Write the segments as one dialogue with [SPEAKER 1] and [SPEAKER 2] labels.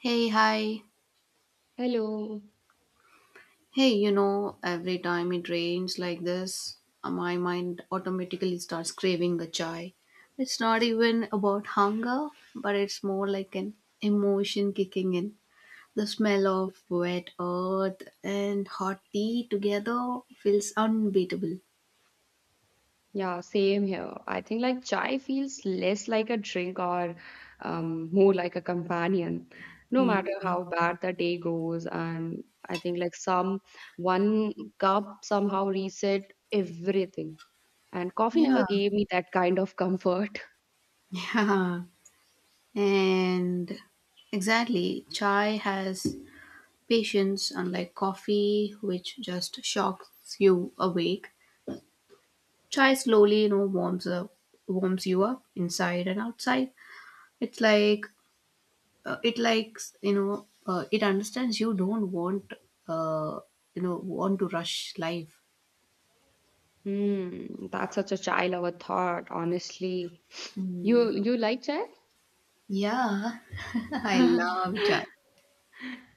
[SPEAKER 1] Hey, hi.
[SPEAKER 2] Hello.
[SPEAKER 1] Hey, every time it rains like this, my mind automatically starts craving a chai. It's not even about hunger, but it's more like an emotion kicking in. The smell of wet earth and hot tea together feels unbeatable.
[SPEAKER 2] Yeah, same here. I think like chai feels less like a drink or more like a companion, no matter
[SPEAKER 1] Hmm.
[SPEAKER 2] how bad the day goes. And I think like some one cup somehow reset everything. And coffee never
[SPEAKER 1] Yeah.
[SPEAKER 2] gave me that kind of comfort.
[SPEAKER 1] Yeah, and exactly. Chai has patience, unlike coffee, which just shocks you awake. Chai slowly, warms you up inside and outside. It's like it understands you don't uh, want to rush life.
[SPEAKER 2] Hmm, that's such a chai lover thought, honestly.
[SPEAKER 1] Mm.
[SPEAKER 2] You like chai?
[SPEAKER 1] Yeah, I love chai.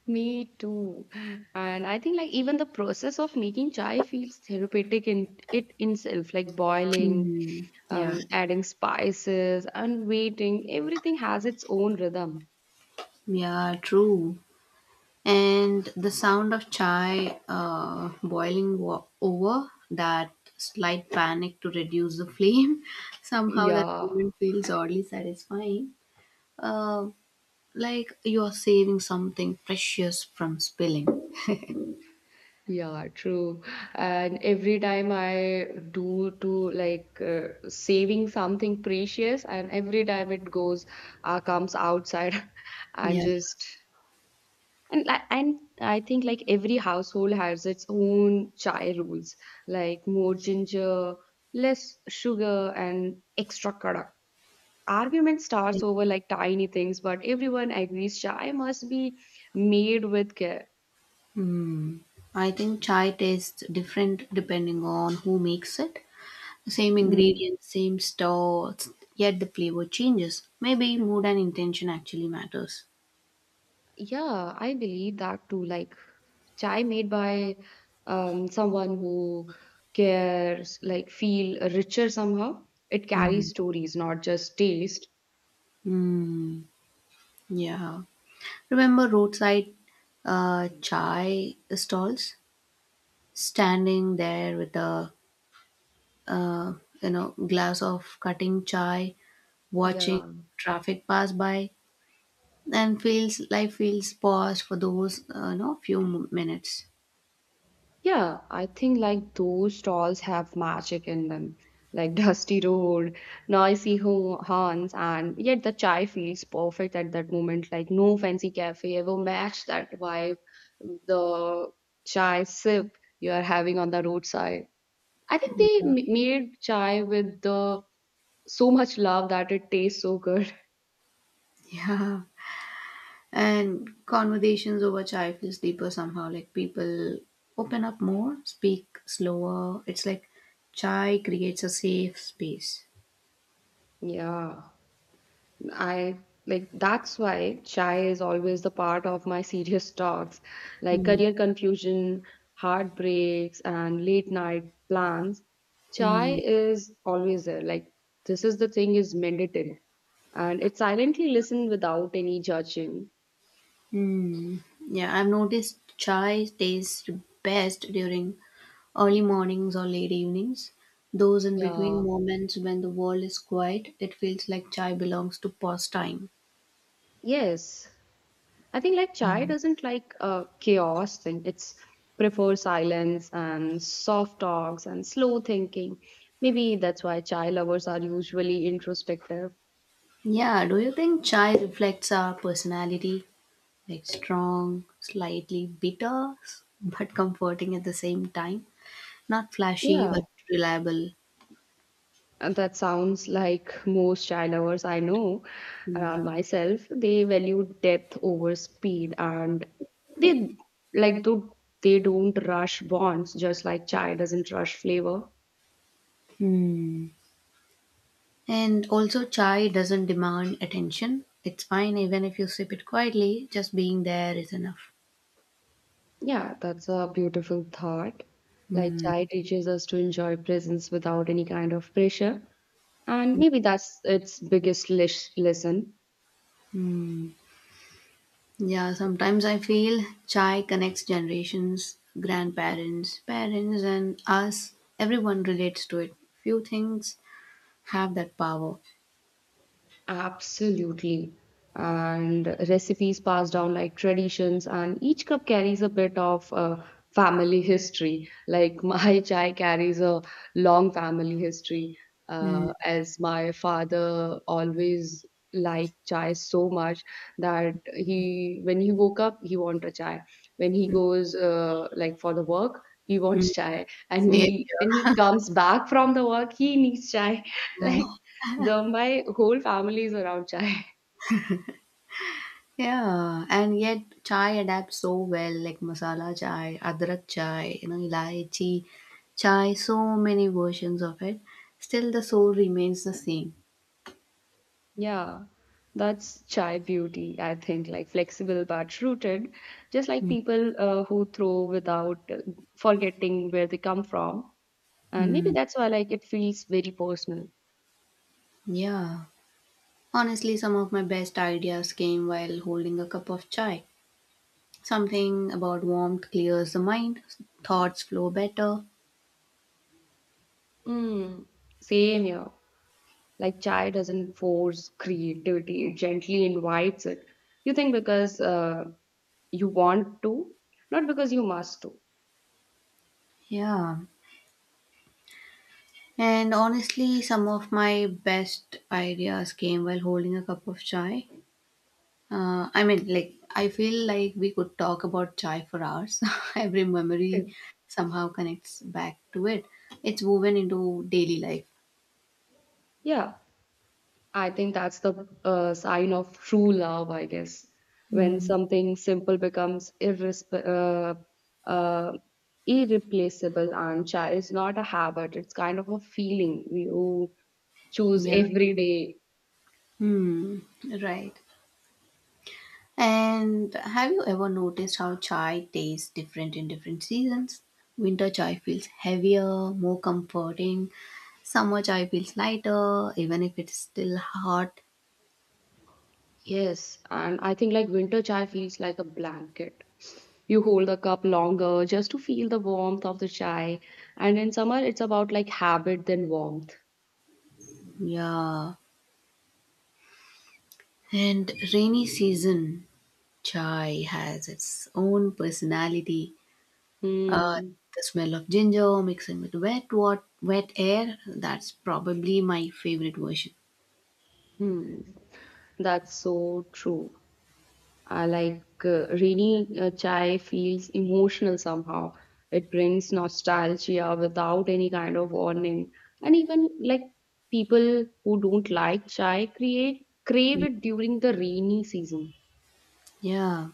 [SPEAKER 2] Me too. And I think like even the process of making chai feels therapeutic in it itself, like boiling,
[SPEAKER 1] Mm. Yeah,
[SPEAKER 2] adding spices and waiting, everything has its own rhythm.
[SPEAKER 1] yeah, true. And the sound of chai boiling over that slight panic to reduce the flame. Somehow that
[SPEAKER 2] Yeah,
[SPEAKER 1] moment feels oddly satisfying. Uh, like you're saving something precious from spilling.
[SPEAKER 2] yeah, true. And every time I do to like saving something precious, and every time it goes, comes outside and
[SPEAKER 1] Yeah.
[SPEAKER 2] just And I think like every household has its own chai rules, like more ginger, less sugar, and extra kadak. Argument
[SPEAKER 1] Yeah.
[SPEAKER 2] starts over like tiny things, but everyone agrees chai must be made with care.
[SPEAKER 1] I think chai tastes different depending on who makes it. Same
[SPEAKER 2] Mm,
[SPEAKER 1] ingredients, same store, yet the flavor changes. Maybe mood and intention actually matters.
[SPEAKER 2] yeah, I believe that too. Like chai made by someone who cares, like feel richer somehow. It
[SPEAKER 1] Mm.
[SPEAKER 2] carries stories, not just taste.
[SPEAKER 1] Mm. Yeah. Remember roadside chai stalls? Standing there with a uh, glass of cutting chai, watching
[SPEAKER 2] Yeah.
[SPEAKER 1] traffic pass by, and feels life feels paused for those few minutes.
[SPEAKER 2] Yeah, I think like those stalls have magic in them, like dusty road, noisy horns, and yet the chai feels perfect at that moment. Like no fancy cafe ever matched that vibe, the chai sip you are having on the roadside. I think they
[SPEAKER 1] Yeah.
[SPEAKER 2] made chai with the so much love that it tastes so good.
[SPEAKER 1] Yeah, and conversations over chai feels deeper somehow, like people open up more, speak slower. It's like chai creates a safe space.
[SPEAKER 2] Yeah. I like that's why chai is always the part of my serious talks, like
[SPEAKER 1] Hmm.
[SPEAKER 2] career confusion, heartbreaks, and late night plans. Chai
[SPEAKER 1] Hmm.
[SPEAKER 2] is always there. Like this is the thing is mandatory, and it silently listens without any judging.
[SPEAKER 1] Hmm. Yeah, I've noticed chai tastes best during early mornings or late evenings, those in between
[SPEAKER 2] Yeah.
[SPEAKER 1] moments when the world is quiet, it feels like chai belongs to pause time.
[SPEAKER 2] Yes. I think like chai doesn't like chaos and it's prefers silence and soft talks and slow thinking. Maybe that's why chai lovers are usually introspective.
[SPEAKER 1] Yeah, do you think chai reflects our personality? Like strong, slightly bitter, but comforting at the same time. Not flashy,
[SPEAKER 2] Yeah,
[SPEAKER 1] but reliable.
[SPEAKER 2] and that sounds like most chai lovers I know
[SPEAKER 1] Hmm.
[SPEAKER 2] around myself. They value depth over speed and they like do they don't rush bonds just like chai doesn't rush flavor.
[SPEAKER 1] Hmm. And also, chai doesn't demand attention. It's fine even if you sip it quietly, just being there is enough.
[SPEAKER 2] Yeah, that's a beautiful thought. Like
[SPEAKER 1] Hmm.
[SPEAKER 2] chai teaches us to enjoy presence without any kind of pressure, and maybe that's its biggest lesson.
[SPEAKER 1] Yeah, sometimes I feel chai connects generations, grandparents, parents, and us. Everyone relates to it. Few things have that power.
[SPEAKER 2] Absolutely. And recipes passed down like traditions, and each cup carries a bit of family history. Like my chai carries a long family history,
[SPEAKER 1] Mm.
[SPEAKER 2] as my father always liked chai so much that he, when he woke up, he wanted a chai. When he goes like for the work, he
[SPEAKER 1] Mm.
[SPEAKER 2] wants chai, and
[SPEAKER 1] Same.
[SPEAKER 2] we when he comes back from the work, he needs chai. Like
[SPEAKER 1] Yeah.
[SPEAKER 2] the my whole family is around chai.
[SPEAKER 1] Yeah, and yet chai adapts so well, like masala chai, adrak chai, ilaichi chai, so many versions of it. Still, the soul remains the same.
[SPEAKER 2] Yeah, that's chai beauty, I think, like flexible but rooted, just like
[SPEAKER 1] Mm.
[SPEAKER 2] people who throw without forgetting where they come from. And maybe
[SPEAKER 1] Mm.
[SPEAKER 2] that's why like it feels very personal.
[SPEAKER 1] Yeah. Honestly, some of my best ideas came while holding a cup of chai. Something about warmth clears the mind, thoughts flow better.
[SPEAKER 2] Mm, same here. Like chai doesn't force creativity, it gently invites it. You think because you want to, not because you must to.
[SPEAKER 1] Yeah. And honestly, some of my best ideas came while holding a cup of chai. I mean, like, I feel like we could talk about chai for hours. Every memory somehow connects back to it. It's woven into daily life.
[SPEAKER 2] Yeah. I think that's the sign of true love, I guess, when something simple becomes uh, uh, irreplaceable. And cha it's not a habit; it's kind of a feeling you choose
[SPEAKER 1] Yeah.
[SPEAKER 2] every day.
[SPEAKER 1] Hmm. Right. And have you ever noticed how chai tastes different in different seasons? Winter chai feels heavier, more comforting. Summer chai feels lighter, even if it's still hot.
[SPEAKER 2] Yes, and I think like winter chai feels like a blanket. You hold the cup longer just to feel the warmth of the chai, and in summer it's about like habit than warmth.
[SPEAKER 1] Yeah. And rainy season chai has its own personality. Uh,
[SPEAKER 2] Hmm.
[SPEAKER 1] the smell of ginger mixing with wet air, that's probably my favorite version.
[SPEAKER 2] Hmm. That's so true. I like reading chai feels emotional somehow. It brings nostalgia without any kind of warning. And even like people who don't like chai create crave it during the rainy season.
[SPEAKER 1] Yeah.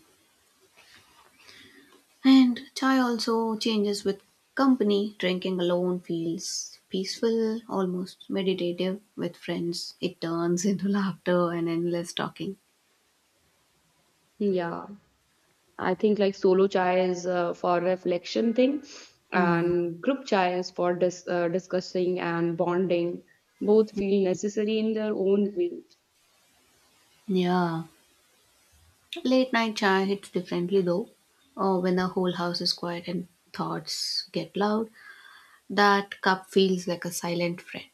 [SPEAKER 1] And chai also changes with company. Drinking alone feels peaceful, almost meditative. With friends, it turns into laughter and endless talking.
[SPEAKER 2] Yeah, I think like solo chai is for reflection thing,
[SPEAKER 1] Hmm.
[SPEAKER 2] and group chai is for discussing and bonding. Both feel necessary in their own way.
[SPEAKER 1] Yeah. Late night chai hits differently though. Or when the whole house is quiet and thoughts get loud, that cup feels like a silent friend.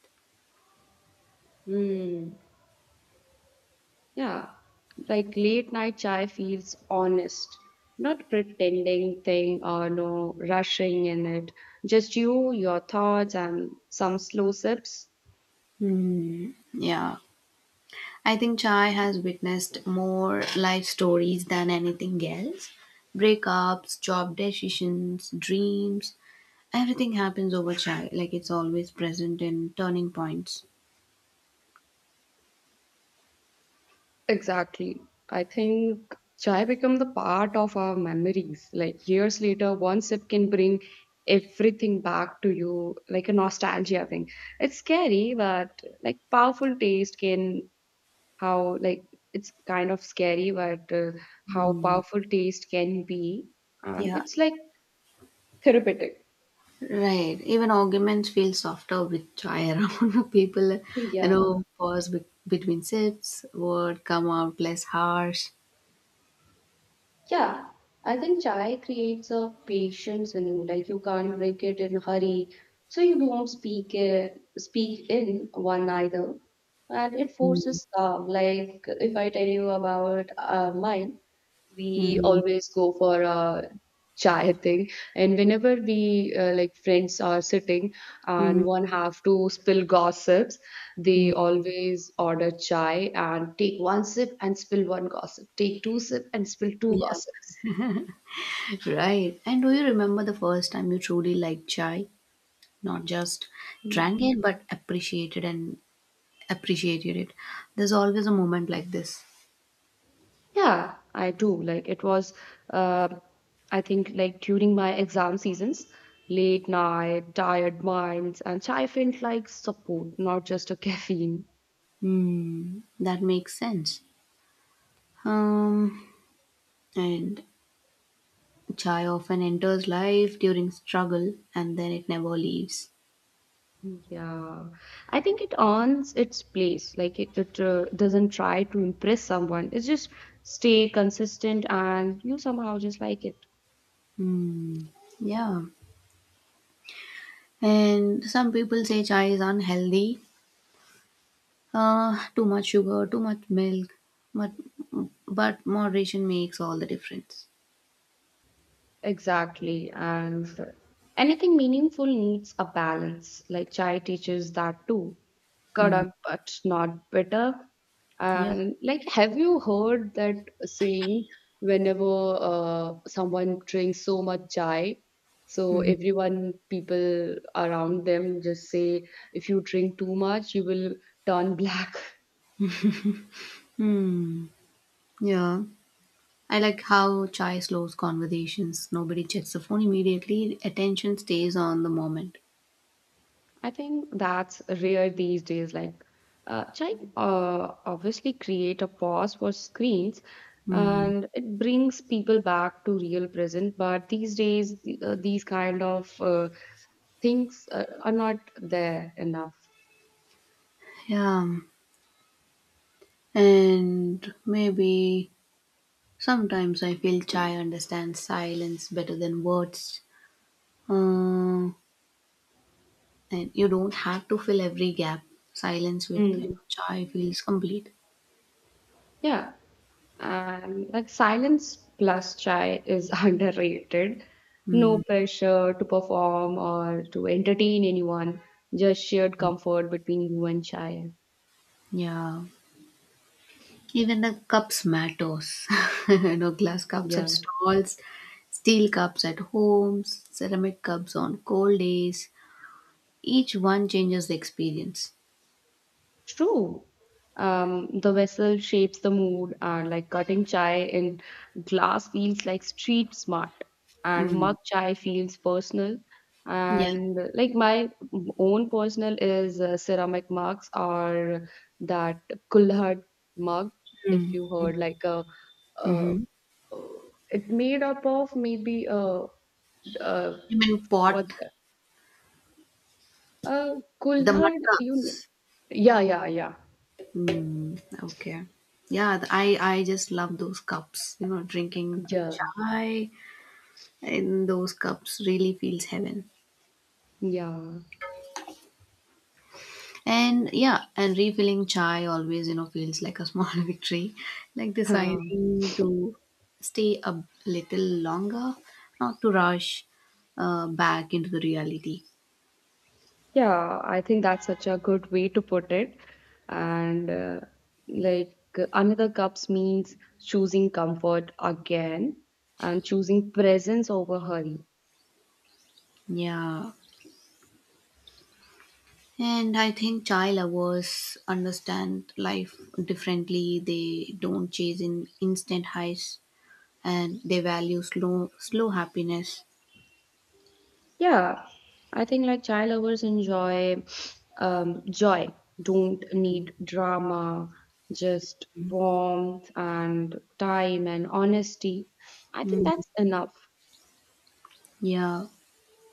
[SPEAKER 2] Hmm. Yeah, like late night chai feels honest, not pretending thing or no rushing in it. Just you, your thoughts, and some slow sips.
[SPEAKER 1] Hmm. Yeah. I think chai has witnessed more life stories than anything else. Breakups, job decisions, dreams, everything happens over chai. Like it's always present in turning points.
[SPEAKER 2] Exactly. I think chai become the part of our memories. Like years later, one sip can bring everything back to you, like a nostalgia thing. It's scary, but like powerful taste can how like it's kind of scary, but how
[SPEAKER 1] Hmm.
[SPEAKER 2] powerful taste can be, and
[SPEAKER 1] Yeah,
[SPEAKER 2] it's like therapeutic.
[SPEAKER 1] right. Even arguments feel softer with chai around. People,
[SPEAKER 2] Yeah,
[SPEAKER 1] pause between sips, word come out less harsh.
[SPEAKER 2] yeah. I think chai creates a patience in you. Like you can't drink it in a hurry, so you don't speak it, speak in one either, and it
[SPEAKER 1] Hmm.
[SPEAKER 2] forces calm. Like if I tell you about mine, we
[SPEAKER 1] Mm,
[SPEAKER 2] always go for a chai thing and whenever we like friends are sitting
[SPEAKER 1] mm,
[SPEAKER 2] and one have to spill gossips they
[SPEAKER 1] mm.
[SPEAKER 2] always order chai and take one sip and spill one gossip take two sip and spill two
[SPEAKER 1] Yeah,
[SPEAKER 2] gossips
[SPEAKER 1] right. And do you remember the first time you truly liked chai? Not just drank it, but appreciated it. There's always a moment like this.
[SPEAKER 2] yeah I do like it was uh, I think like during my exam seasons late night tired minds and chai felt like support not just a caffeine
[SPEAKER 1] Hmm, that makes sense. um and chai often enters life during struggle, and then it never leaves.
[SPEAKER 2] Yeah, I think it earns its place. Like it doesn't try to impress someone. It's just stay consistent, and you somehow just like it.
[SPEAKER 1] Hmm. Yeah, and some people say chai is unhealthy, too much sugar, too much milk, but moderation makes all the difference.
[SPEAKER 2] Exactly. And anything meaningful needs a balance. Like chai teaches that too.
[SPEAKER 1] Hmm.
[SPEAKER 2] Kadak but not bitter.
[SPEAKER 1] Yeah.
[SPEAKER 2] And like, have you heard that saying whenever someone drinks so much chai, so
[SPEAKER 1] Hmm.
[SPEAKER 2] everyone, people around them just say, if you drink too much, you will turn black.
[SPEAKER 1] Yeah, I like how chai slows conversations. Nobody checks the phone immediately. Attention stays on the moment.
[SPEAKER 2] I think that's rare these days. Like, Chai obviously create a pause for screens,
[SPEAKER 1] Hmm.
[SPEAKER 2] and it brings people back to real present. But these days, these kind of things are not there enough.
[SPEAKER 1] Yeah. And maybe sometimes I feel chai understands silence better than words. Uh, and you don't have to fill every gap. Silence with
[SPEAKER 2] Mm.
[SPEAKER 1] chai feels complete.
[SPEAKER 2] Yeah, and like silence plus chai is underrated.
[SPEAKER 1] Hmm.
[SPEAKER 2] No pressure to perform or to entertain anyone. Just shared comfort between you and chai.
[SPEAKER 1] Yeah. Even the cups matters. Glass cups at
[SPEAKER 2] Yeah.
[SPEAKER 1] stalls, steel cups at homes, ceramic cups on cold days. Each one changes the experience.
[SPEAKER 2] True. The vessel shapes the mood, and like cutting chai in glass feels like street smart, and
[SPEAKER 1] Mm.
[SPEAKER 2] mug chai feels personal.
[SPEAKER 1] Yeah.
[SPEAKER 2] And like my own personal is ceramic mugs or that Kulhad mug, if you heard, like a, uh,
[SPEAKER 1] Mhm.
[SPEAKER 2] it made up of maybe uh
[SPEAKER 1] You mean
[SPEAKER 2] what
[SPEAKER 1] pot,
[SPEAKER 2] uh
[SPEAKER 1] the mud
[SPEAKER 2] Kulhad, you know.
[SPEAKER 1] cups.
[SPEAKER 2] Yeah.
[SPEAKER 1] Mm, okay. Yeah, I just love those cups. Drinking
[SPEAKER 2] Yeah,
[SPEAKER 1] chai in those cups really feels heaven.
[SPEAKER 2] yeah.
[SPEAKER 1] And, yeah, and refilling chai always, feels like a small victory. Like deciding to stay a little longer, not to rush back into the reality.
[SPEAKER 2] Yeah, I think that's such a good way to put it. And like another cups means choosing comfort again and choosing presence over hurry.
[SPEAKER 1] Yeah. And I think child lovers understand life differently. They don't chase in instant highs and they value slow happiness.
[SPEAKER 2] Yeah, I think like child lovers enjoy joy, don't need drama, just warmth and time and honesty. I think
[SPEAKER 1] Mm,
[SPEAKER 2] that's enough.
[SPEAKER 1] yeah.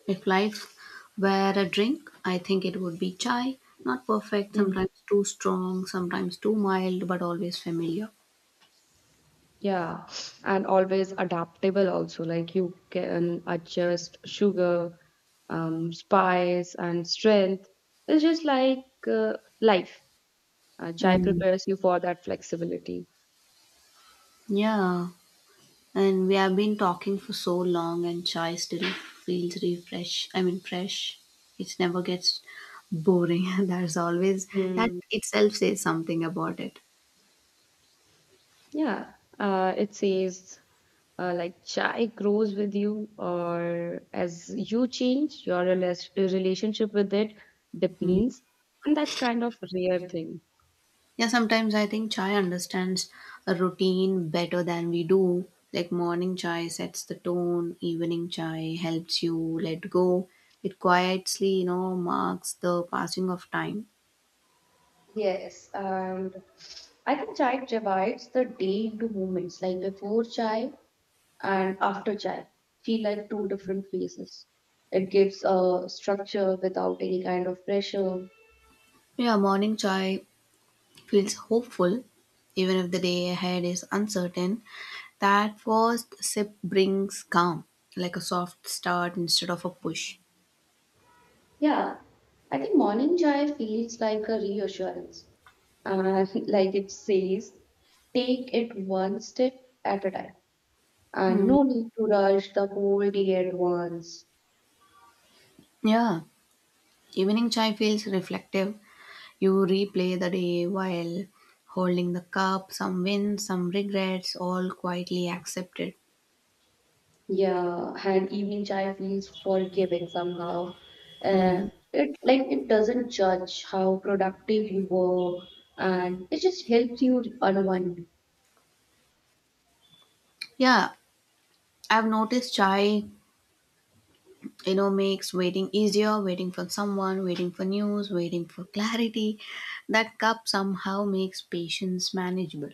[SPEAKER 1] If life were a drink, I think it would be chai. Not perfect,
[SPEAKER 2] Mm.
[SPEAKER 1] sometimes too strong, sometimes too mild, but always familiar.
[SPEAKER 2] Yeah, and always adaptable also. Like you can adjust sugar, spice, and strength. It's just like uh, life. Chai
[SPEAKER 1] Mm,
[SPEAKER 2] prepares you for that flexibility.
[SPEAKER 1] yeah. And we have been talking for so long, and chai still feels refresh. I mean, fresh. It never gets boring. There's always that
[SPEAKER 2] Hmm.
[SPEAKER 1] itself says something about it.
[SPEAKER 2] Yeah, it says like chai grows with you, or as you change, your relationship with it
[SPEAKER 1] Mm.
[SPEAKER 2] depends, and that's kind of rare thing.
[SPEAKER 1] Yeah, sometimes I think chai understands a routine better than we do. Like morning chai sets the tone, evening chai helps you let go. It quietly, marks the passing of time.
[SPEAKER 2] Yes, and I think chai divides the day into moments, like before chai and after chai, feel like two different phases. It gives a structure without any kind of pressure.
[SPEAKER 1] Yeah, morning chai feels hopeful, even if the day ahead is uncertain. That first sip brings calm, like a soft start instead of a push.
[SPEAKER 2] Yeah, I think morning chai feels like a reassurance, and like it says, take it one step at a time, and
[SPEAKER 1] Hmm.
[SPEAKER 2] no need to rush the whole day at once.
[SPEAKER 1] Yeah, evening chai feels reflective. You replay the day while holding the cup, some wins, some regrets, all quietly accepted.
[SPEAKER 2] Yeah, and evening chai feels forgiving somehow. Uh,
[SPEAKER 1] Mm.
[SPEAKER 2] it like it doesn't judge how productive you were, and it just helps you unwind.
[SPEAKER 1] Yeah, I've noticed chai makes waiting easier, waiting for someone, waiting for news, waiting for clarity. That cup somehow makes patience manageable.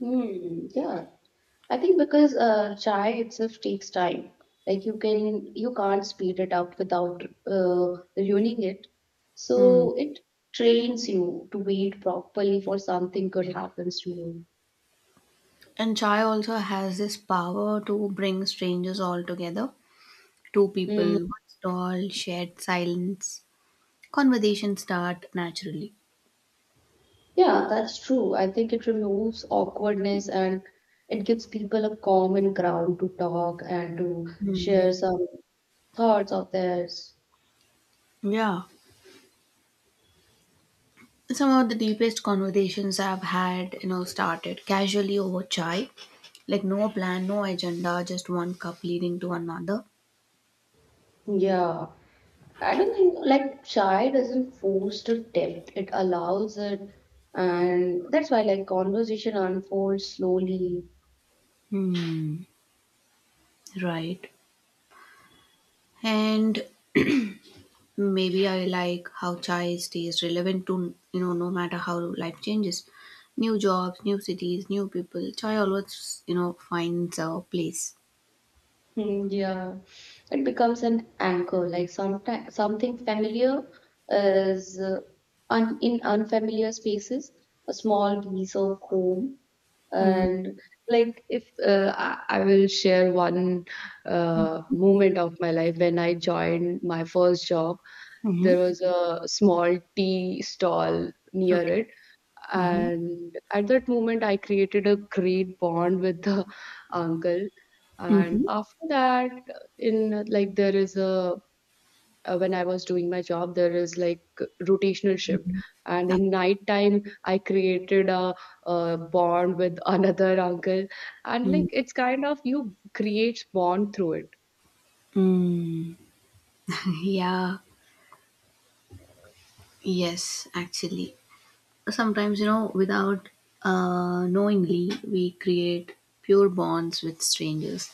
[SPEAKER 2] Hmm. Yeah, I think because chai itself takes time. Like you can't speed it up without ruining it.
[SPEAKER 1] Hmm.
[SPEAKER 2] So it trains you to wait properly for something good happens to you.
[SPEAKER 1] And chai also has this power to bring strangers all together. Two
[SPEAKER 2] Hmm.
[SPEAKER 1] people, one stall, shared silence. Conversations start naturally.
[SPEAKER 2] Yeah, that's true. I think it removes awkwardness and it gives people a common ground to talk and to
[SPEAKER 1] Hmm.
[SPEAKER 2] share some thoughts of theirs.
[SPEAKER 1] Yeah, some of the deepest conversations I've had started casually over chai, like no plan, no agenda, just one cup leading to another.
[SPEAKER 2] Yeah, I don't think like shy doesn't foster depth, it allows it, and that's why like conversation unfolds slowly.
[SPEAKER 1] Hmm. Right. And maybe I like how chai stays relevant to, no matter how life changes. New jobs, new cities, new people. Chai always, finds a place.
[SPEAKER 2] Hmm, yeah, it becomes an anchor, like sometimes something familiar is un in unfamiliar spaces, a small piece of home And like if uh, I will share one moment of my life when I joined my first job,
[SPEAKER 1] Mm-hmm.
[SPEAKER 2] there was a small tea stall near
[SPEAKER 1] Okay.
[SPEAKER 2] it,
[SPEAKER 1] Mm-hmm.
[SPEAKER 2] and at that moment I created a great bond with the uncle. And
[SPEAKER 1] Mm-hmm.
[SPEAKER 2] after that, in like there is a when I was doing my job there is like rotational shift and in
[SPEAKER 1] Okay.
[SPEAKER 2] night time I created a bond with another uncle and like it's kind of you create bond through it
[SPEAKER 1] Mm-hmm. Yeah. Yes, actually. Sometimes, without knowingly, we create pure bonds with strangers.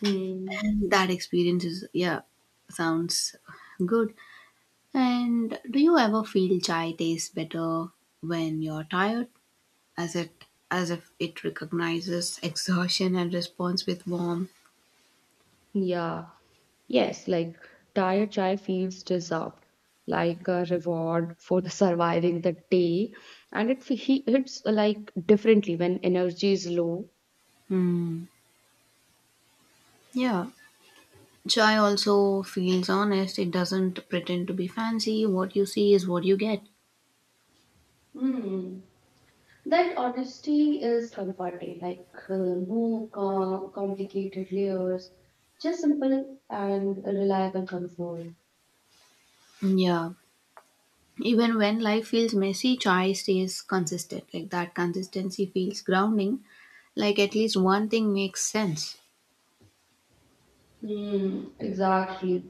[SPEAKER 2] Hmm.
[SPEAKER 1] That experience is, yeah, sounds good. And do you ever feel chai tastes better when you're tired, as it as if it recognizes exhaustion and responds with warmth?
[SPEAKER 2] Yeah. Yes, like tired chai feels deserved, like a reward for the surviving the day, and it he hits like differently when energy is low.
[SPEAKER 1] Hmm. Yeah. Chai also feels honest. It doesn't pretend to be fancy. What you see is what you get.
[SPEAKER 2] Hmm. That honesty is comforting, like no complicated layers, just simple and reliable control.
[SPEAKER 1] Yeah. Even when life feels messy, chai stays consistent. Like that consistency feels grounding. Like at least one thing makes sense.
[SPEAKER 2] Hmm. Exactly.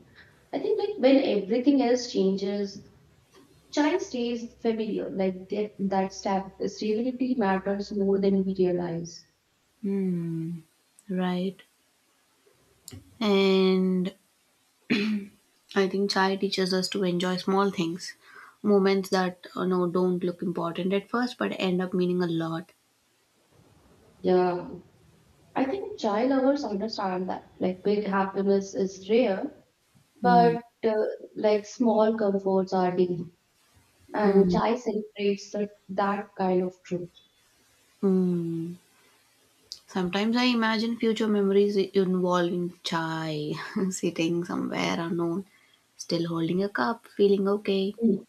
[SPEAKER 2] I think like when everything else changes, child stays familiar. Like that stability matters more than we realize.
[SPEAKER 1] Right. And I think chai teaches us to enjoy small things, moments that don't look important at first but end up meaning a lot.
[SPEAKER 2] Yeah, I think child lovers understand that. Like big happiness is rare,
[SPEAKER 1] Hmm.
[SPEAKER 2] but like small comforts are deep. And
[SPEAKER 1] Mm.
[SPEAKER 2] chai celebrates that, that kind of truth.
[SPEAKER 1] Mm. Sometimes I imagine future memories involving chai, sitting somewhere unknown, still holding a cup, feeling okay.
[SPEAKER 2] Mm.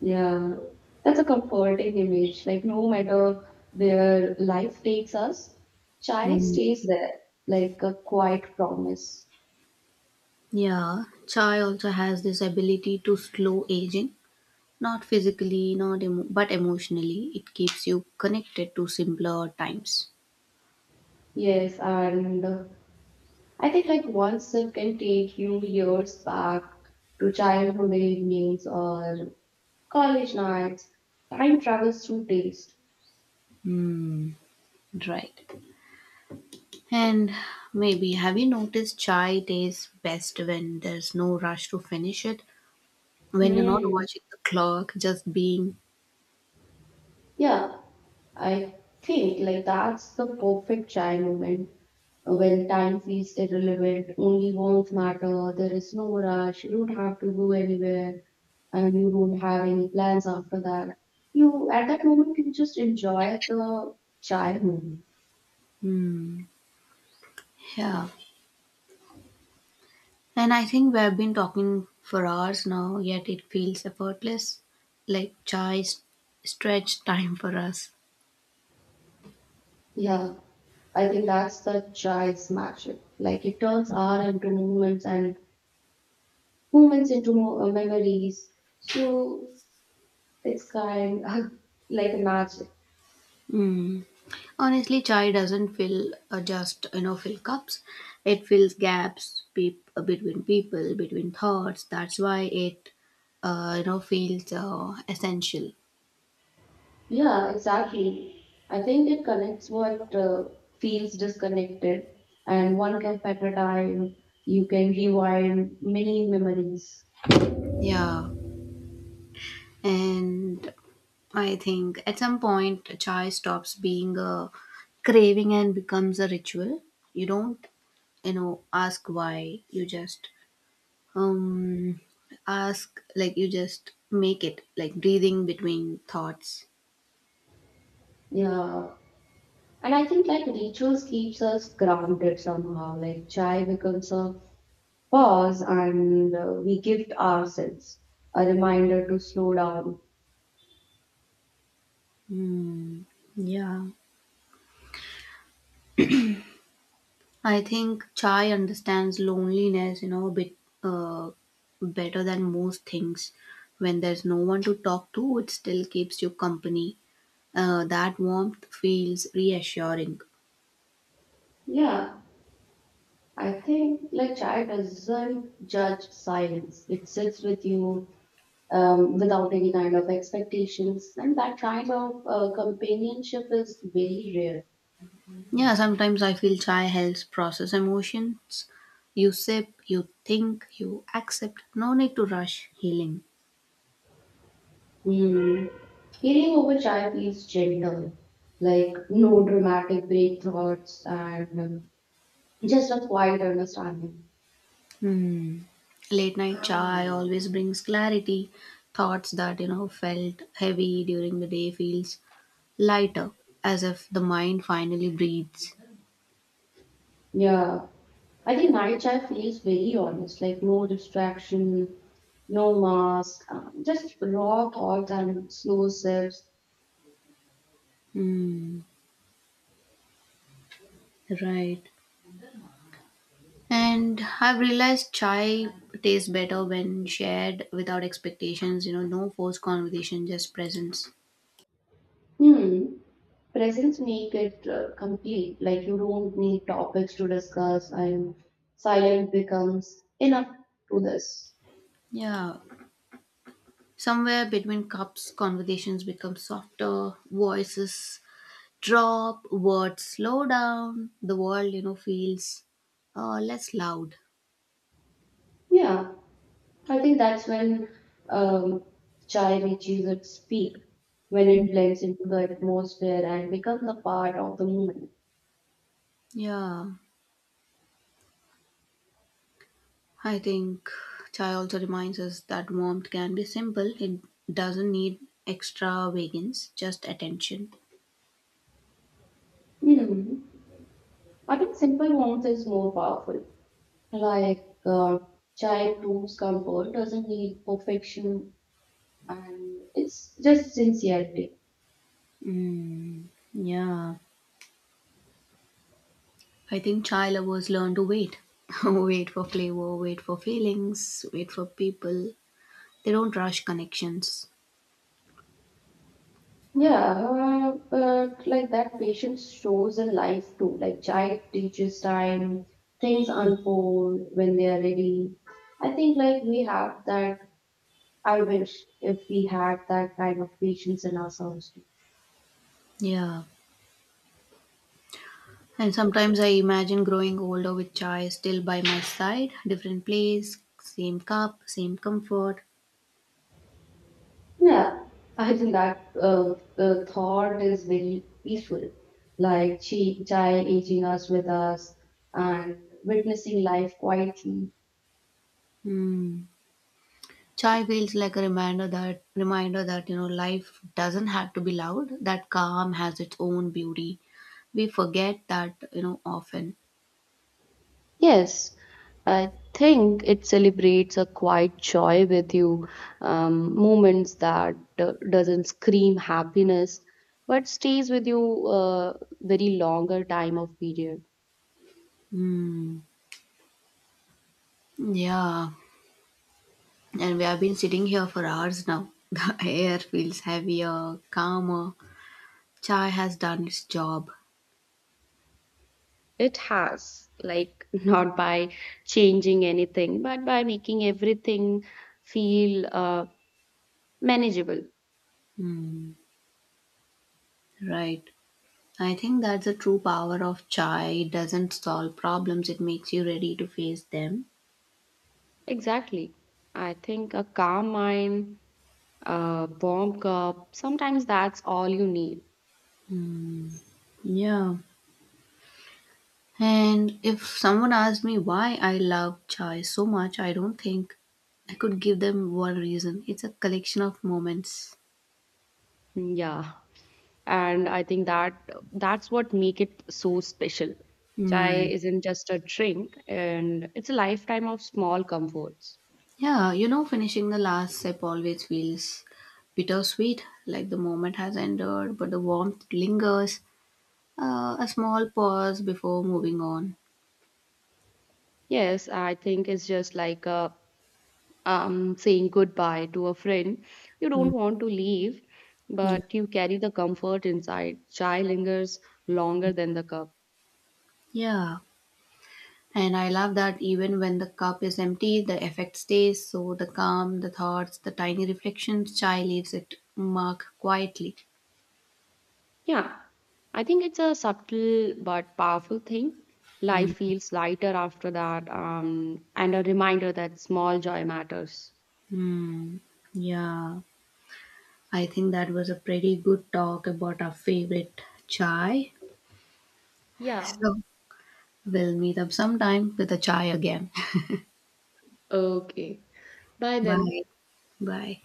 [SPEAKER 2] Yeah, that's a comforting image. Like, no matter where life takes us, chai
[SPEAKER 1] Hmm.
[SPEAKER 2] stays there, like a quiet promise.
[SPEAKER 1] Yeah, chai also has this ability to slow aging, not physically, not emo- but emotionally. It keeps you connected to simpler times.
[SPEAKER 2] Yes, and I think like one sip can take you years back to childhood evenings or college nights. Time travels through taste.
[SPEAKER 1] Right. And maybe have you noticed chai tastes best when there's no rush to finish it, when you're not
[SPEAKER 2] Hmm.
[SPEAKER 1] watching the clock, just being
[SPEAKER 2] Yeah, I think like that's the perfect chai moment when time feels irrelevant, only wants matter, there is no rush, you don't have to go anywhere, and you don't have any plans after that. You at that moment you just enjoy the chai moment.
[SPEAKER 1] here. And I think we have been talking for hours now, yet it feels effortless, like chai stretched time for us.
[SPEAKER 2] Yeah, I think that's the chai's magic. Like it turns hour into moments and moments into memories. So it's kind of like magic.
[SPEAKER 1] Mm. Honestly, chai doesn't fill just you know fill cups. It fills gaps peop between people, between thoughts. That's why it feels essential.
[SPEAKER 2] Yeah, exactly. I think it connects what feels disconnected, and one can at a time. You can rewind many memories.
[SPEAKER 1] Yeah. And I think at some point chai stops being a craving and becomes a ritual. You don't ask why, you just um ask, like you just make it, like breathing between thoughts.
[SPEAKER 2] Yeah, and I think like rituals keeps us grounded somehow. Like chai becomes a pause, and we gift ourselves a reminder to slow down.
[SPEAKER 1] Hmm. Yeah, I think chai understands loneliness, a bit uh, better than most things. When there's no one to talk to, it still keeps you company. That warmth feels reassuring.
[SPEAKER 2] Yeah, I think like chai doesn't judge silence. It sits with you without any kind of expectations. And that kind of companionship is very rare.
[SPEAKER 1] Yeah, sometimes I feel chai helps process emotions. You sip, you think, you accept. No need to rush healing.
[SPEAKER 2] Hmm. Healing over chai feels gentle, like no dramatic break thoughts and just a quiet understanding.
[SPEAKER 1] Hmm. Late night chai always brings clarity. Thoughts that felt heavy during the day feels lighter, as if the mind finally breathes.
[SPEAKER 2] Yeah, I think night chai feels very honest, like no distraction, no mask, just raw thoughts and slow sips.
[SPEAKER 1] Hmm, right. And I've realized chai tastes better when shared without expectations, no forced conversation, just presence.
[SPEAKER 2] Hmm. Presence make it complete. Like you don't need topics to discuss, and silence becomes enough to this.
[SPEAKER 1] Yeah. Somewhere between cups, conversations become softer, voices drop, words slow down, the world, feels less loud.
[SPEAKER 2] Yeah, I think that's when um, chai reaches its peak, when it blends into the atmosphere and becomes a part of the moment.
[SPEAKER 1] Yeah. I think chai also reminds us that warmth can be simple. It doesn't need extravagance, just attention.
[SPEAKER 2] Hmm. I think simple warmth is more powerful. Like chai proves comfort, doesn't need perfection, and it's just sincerity.
[SPEAKER 1] Mm, yeah. I think chai lovers learn to wait. Wait for flavor, wait for feelings, wait for people. They don't rush connections.
[SPEAKER 2] Yeah, but like that patience shows in life too. Like child teaches time, things unfold when they are ready. I think like we have that. I wish if we had that kind of patience in ourselves.
[SPEAKER 1] Yeah. And sometimes I imagine growing older with chai still by my side, different place, same cup, same comfort.
[SPEAKER 2] Yeah, I think that thought is very peaceful. Like she, child aging us with us and witnessing life quietly
[SPEAKER 1] Hmm. Chai feels like a reminder that life doesn't have to be loud. That calm has its own beauty. We forget that often.
[SPEAKER 2] Yes, I think it celebrates a quiet joy with you, moments that doesn't scream happiness, but stays with you a very longer time of period.
[SPEAKER 1] Hmm. Yeah, and we have been sitting here for hours now. The air feels heavier, calmer. Chai has done its job.
[SPEAKER 2] It has, like, not by changing anything, but by making everything feel manageable.
[SPEAKER 1] Hmm. Right. I think that's the true power of chai. It doesn't solve problems. It makes you ready to face them.
[SPEAKER 2] Exactly. I think a calm mind, a warm cup, sometimes that's all you need.
[SPEAKER 1] Yeah. And if someone asked me why I love chai so much, I don't think I could give them one reason. It's a collection of moments.
[SPEAKER 2] Yeah. And I think that that's what make it so special chai
[SPEAKER 1] Hmm.
[SPEAKER 2] isn't just a drink and it's a lifetime of small comforts
[SPEAKER 1] Yeah, finishing the last sip always feels bittersweet, like the moment has ended, but the warmth lingers. A small pause before moving on.
[SPEAKER 2] yes I think it's just like a, saying goodbye to a friend you
[SPEAKER 1] Hmm.
[SPEAKER 2] don't want to leave
[SPEAKER 1] Yeah.
[SPEAKER 2] but you carry the comfort inside chai lingers longer than the cup
[SPEAKER 1] Yeah. And I love that even when the cup is empty, the effect stays. So the calm, the thoughts, the tiny reflections, chai leaves it mark quietly.
[SPEAKER 2] yeah I think it's a subtle but powerful thing life
[SPEAKER 1] Hmm.
[SPEAKER 2] feels lighter after that and a reminder that small joy matters
[SPEAKER 1] Hmm. Yeah, I think that was a pretty good talk about our favorite chai.
[SPEAKER 2] Yeah.
[SPEAKER 1] So we'll meet up sometime with a chai again.
[SPEAKER 2] Okay. Bye then.
[SPEAKER 1] Bye. Bye.